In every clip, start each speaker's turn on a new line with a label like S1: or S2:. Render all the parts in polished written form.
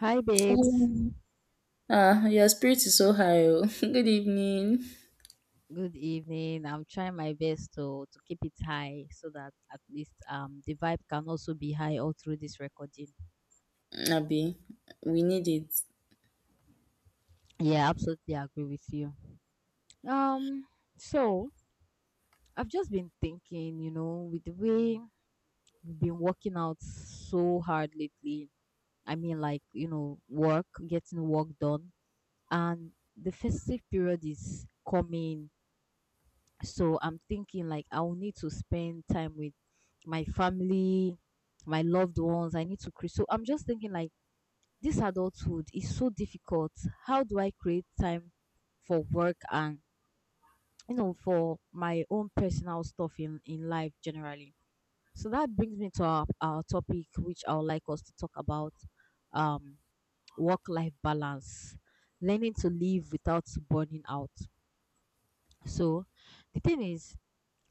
S1: Hi babes.
S2: Um, Ah, your spirit is so high. Oh. Good evening,
S1: Good evening. I'm trying my best to keep it high so that at least the vibe can also be high all through this recording.
S2: Abby. We need it.
S1: Yeah, absolutely agree with you. Um so I've just been thinking, you know, with the way we've been working out so hard lately. I mean, like, you know, work, getting work done, and the festive period is coming, so I'm thinking like I will need to spend time with my family, my loved ones. I need to create, so I'm just thinking like this adulthood is so difficult. How do I create time for work and, you know, for my own personal stuff in life generally? So that brings me to our topic, which I would like us to talk about, um work life balance, learning to live without burning out. So the thing is,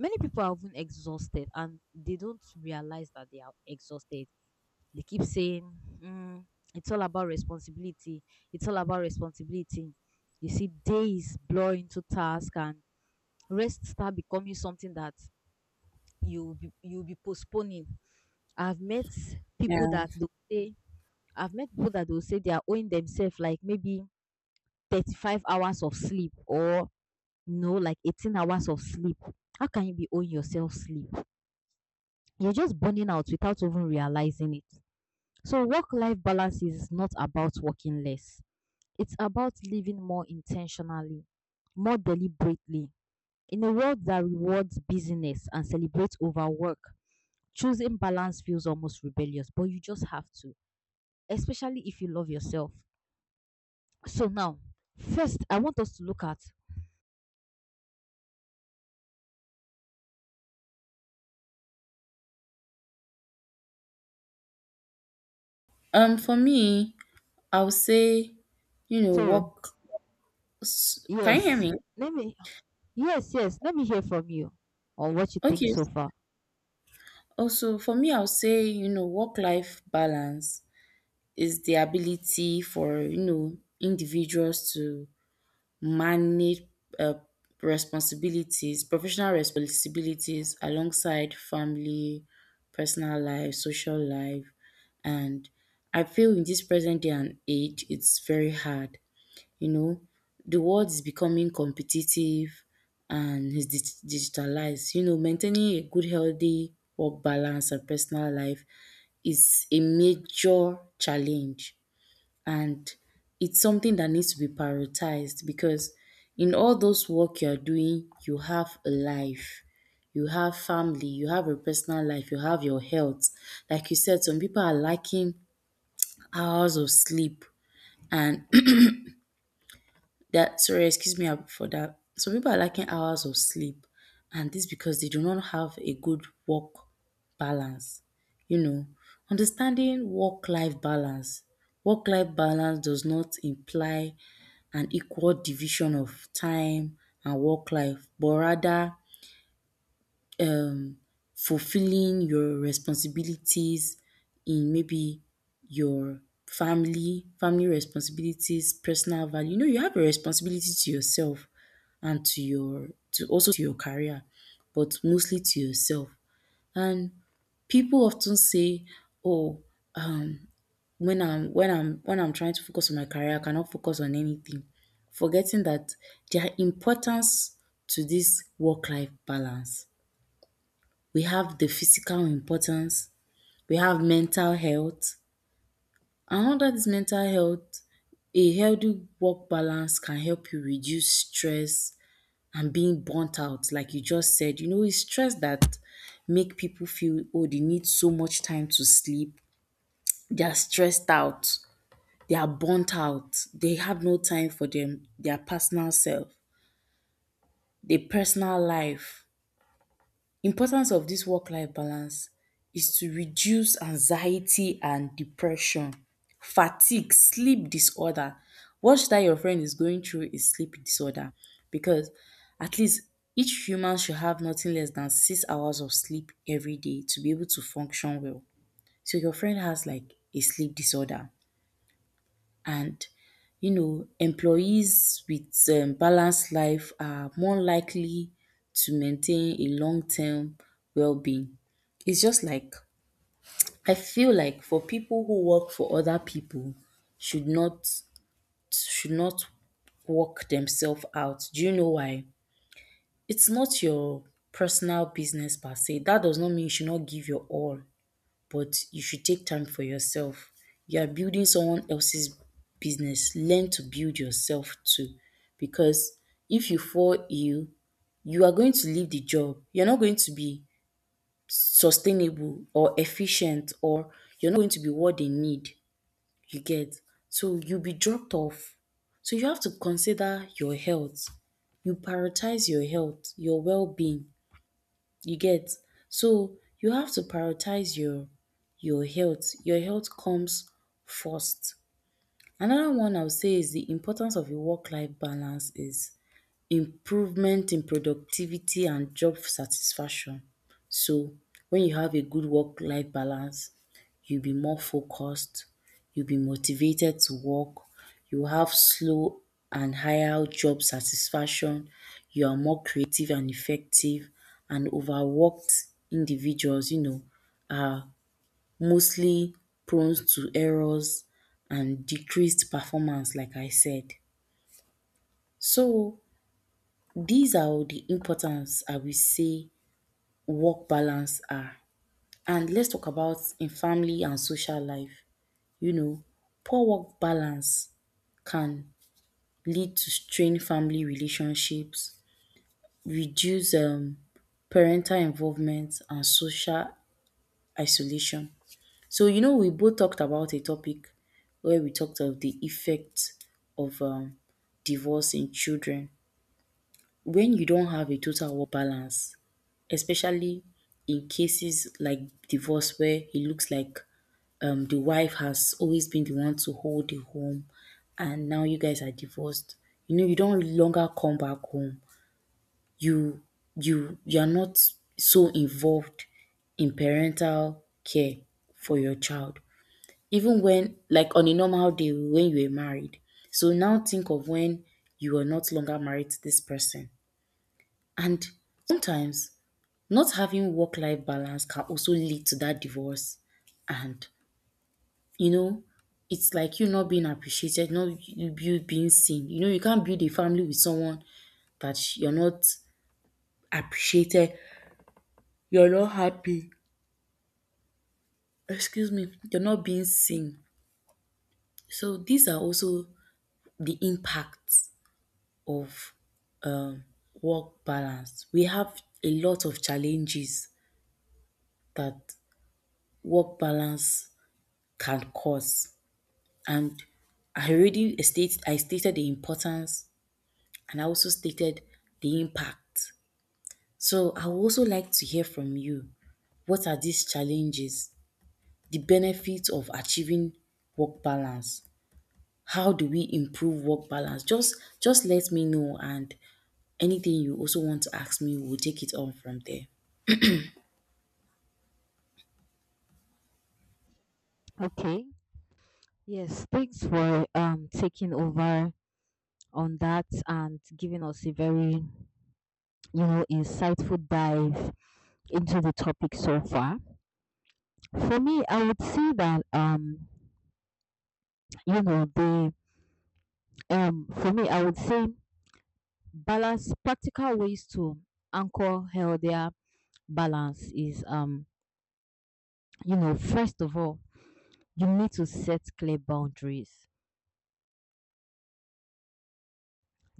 S1: many people are even exhausted and they don't realize that they are exhausted. They keep saying, mm, it's all about responsibility. It's all about responsibility. You see, days blur into task and rest start becoming something that you'll be postponing. I've met people
S2: Yeah.
S1: that they will say, I've met people that will say they are owing themselves like maybe 35 hours of sleep or, no, like 18 hours of sleep. How can you be owing yourself sleep? You're just burning out without even realizing it. So, work life balance is not about working less, it's about living more intentionally, more deliberately. In a world that rewards busyness and celebrates overwork, choosing balance feels almost rebellious, but you just have to, especially if you love yourself. So, now, first, I want us to look at
S2: For me, I would say, you know,
S1: so,
S2: Can you hear
S1: yes,
S2: me?
S1: let me, yes, let me hear from you on what you think
S2: Okay.
S1: so far.
S2: Also, for me, I would say, you know, work-life balance is the ability for, you know, individuals to manage uh, responsibilities, professional responsibilities alongside family, personal life, social life. And I feel in this present day and age, it's very hard. You know, the world is becoming competitive and is digitalized. You know, maintaining a good, healthy work balance and personal life is a major challenge and it's something that needs to be prioritized because in all those work you are doing, you have a life, you have family, you have a personal life, you have your health. Like you said, some people are lacking hours of sleep and that sorry, excuse me for that. Some people are lacking hours of sleep and this because they do not have a good work balance. You know, understanding work life balance. Work life balance does not imply an equal division of time and work life, but rather um, fulfilling your responsibilities in maybe your family, family responsibilities, personal value. You know, you have a responsibility to yourself and to your to also to your career, but mostly to yourself. And people often say, "Oh, um, when I'm trying to focus on my career, I cannot focus on anything, forgetting that there are importance to this work life balance. We have the physical importance, we have mental health. And under this mental health, a healthy work balance can help you reduce stress and being burnt out, like you just said. You know, it's stress that make people feel oh they need so much time to sleep. They are stressed out. They are burnt out. They have no time for them, their personal self, their personal life. Importance of this work-life balance is to reduce anxiety and depression, fatigue, sleep disorder. What that your friend is going through is sleep disorder because at least each human should have nothing less than 6 hours of sleep every day to be able to function well. So your friend has like a sleep disorder. And you know employees with balanced life are more likely to maintain a long-term well-being. It's just like I feel like for people who work for other people should not should not work themselves out. Do you know why? It's not your personal business per se. That does not mean you should not give your all but you should take time for yourself. You are building someone else's business. Learn to build yourself too. Because if you fall ill, you are going to leave the job. You're not going to be sustainable or efficient, or you're not going to be what they need. You get. So you'll be dropped off. So you have to consider your health. You prioritize your health, your well being. You get? So you have to prioritize your health. Your health comes first. Another one I would say is the importance of a work life balance is improvement in productivity and job satisfaction. So when you have a good work life balance you'll be more focused, you'll be motivated to work, you have slow and higher job satisfaction, you are more creative and effective and overworked individuals you know are mostly prone to errors and decreased performance like I said. So these are all the importance I will say work balance are. And let's talk about in family and social life. You know, poor work balance can lead to strained family relationships, reduce parental involvement and social isolation. So you know we both talked about a topic where we talked of the effect of divorce in children. When you don't have a total work balance, especially in cases like divorce where it looks like the wife has always been the one to hold the home and now you guys are divorced, you know you don't really longer come back home, you you are not so involved in parental care for your child, even when like on a normal day when you were married. So now think of when you are not longer married to this person, and sometimes not having work-life balance can also lead to that divorce. And you know it's like you not being appreciated, not you being seen. You know, you can't build a family with someone that you're not appreciated, you're not happy, excuse me, you're not being seen. So these are also the impacts of um work balance. We have a lot of challenges that work balance can cause. And I stated the importance and I also stated the impact. So I would also like to hear from you. What are these challenges? The benefits of achieving work balance. How do we improve work balance? Just let me know and anything you also want to ask me, we'll take it on from there.
S1: Okay. Yes, thanks for taking over on that and giving us a very, you know, insightful dive into the topic so far. For me, I would say that, you know, the for me, I would say balance practical ways to anchor healthier balance is, you know, first of all, you need to set clear boundaries.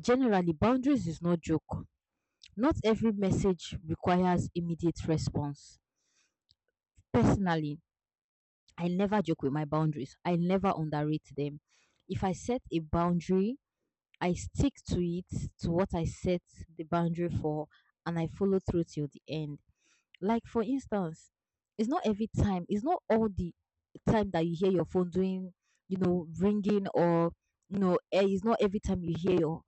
S1: Generally, boundaries is no joke. Not every message requires immediate response. Personally, I never joke with my boundaries. I never underrate them. If I set a boundary, I stick to it, to what I set the boundary for, and I follow through till the end. Like, for instance, it's not every time, it's not all the time that you hear your phone doing, you know, ringing or, you know,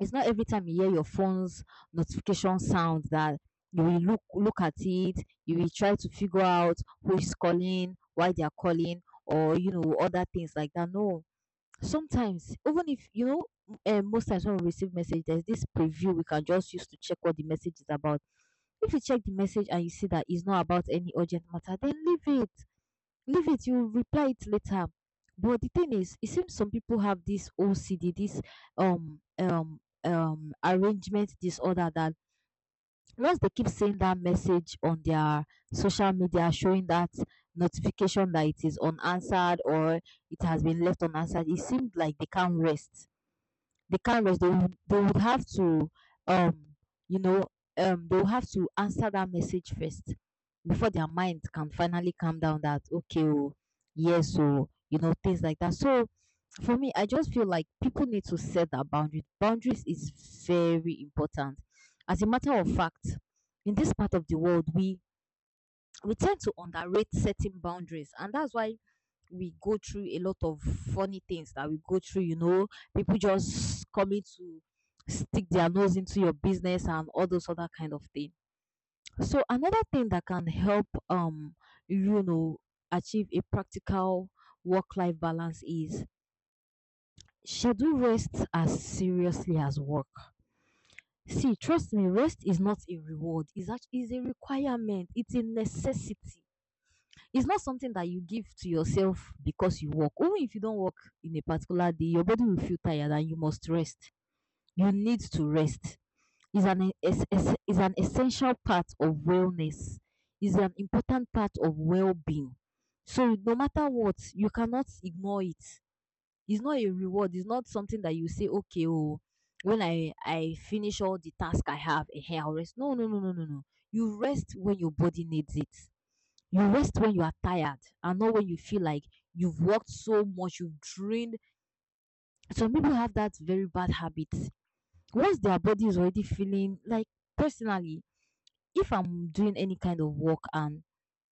S1: it's not every time you hear your phone's notification sound that you will look at it, you will try to figure out who is calling, why they are calling, or, you know, other things like that. No, sometimes even if you know. Most times when we receive message, there's this preview we can just use to check what the message is about. If you check the message and you see that it's not about any urgent matter, then leave it. Leave it, you reply it later. But the thing is, it seems some people have this OCD, this arrangement disorder that once they keep seeing that message on their social media showing that notification that it is unanswered or it has been left unanswered, it seems like they can't rest. The carriers, they would have to, um you know, they will have to answer that message first before their mind can finally calm down that okay, oh, yes, oh, you know, things like that. So for me, I just feel like people need to set that boundary. Boundaries is very important. As a matter of fact, in this part of the world, we tend to underrate setting boundaries, and that's why we go through a lot of funny things that we go through, you know, people just coming to stick their nose into your business and all those other kind of thing. So another thing that can help, you know, achieve a practical work life balance is schedule rest as seriously as work. See, trust me, rest is not a reward, it's actually is a requirement, it's a necessity. It's not something that you give to yourself because you work. Even if you don't work in a particular day, your body will feel tired and you must rest. You need to rest. Is an is an essential part of wellness. Is an important part of well-being. So no matter what, you cannot ignore it. It's not a reward. It's not something that you say, okay, oh, when I finish all the task I have, I'll rest. No, no, no, no, no, no. You rest when your body needs it, you rest when you are tired and not when you feel like you've worked so much, you've drained. Some people have that very bad habit. Once their body is already feeling like, personally, if I'm doing any kind of work and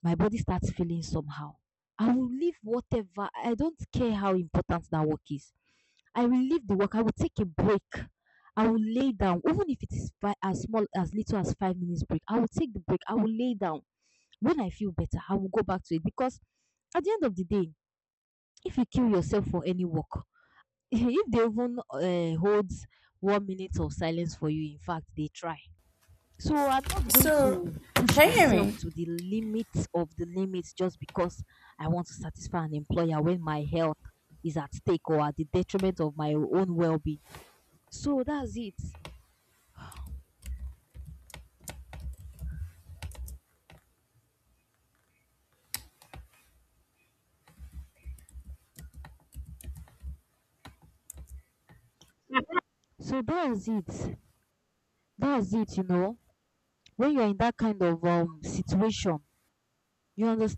S1: my body starts feeling somehow, I will leave whatever. I don't care how important that work is. I will leave the work. I will take a break. I will lay down, even if it is as small as little as 5 minutes break. I will take the break. I will lay down. When I feel better, I will go back to it because at the end of the day, if you kill yourself for any work, if they even hold 1 minute of silence for you, in fact, they try. So I'm not going
S2: So
S1: to push
S2: can you hear
S1: myself
S2: me?
S1: to the limit of the limits just because I want to satisfy an employer when my health is at stake or at the detriment of my own well-being. So that's it. So that's it. That's it, you know. When you're in that kind of situation, you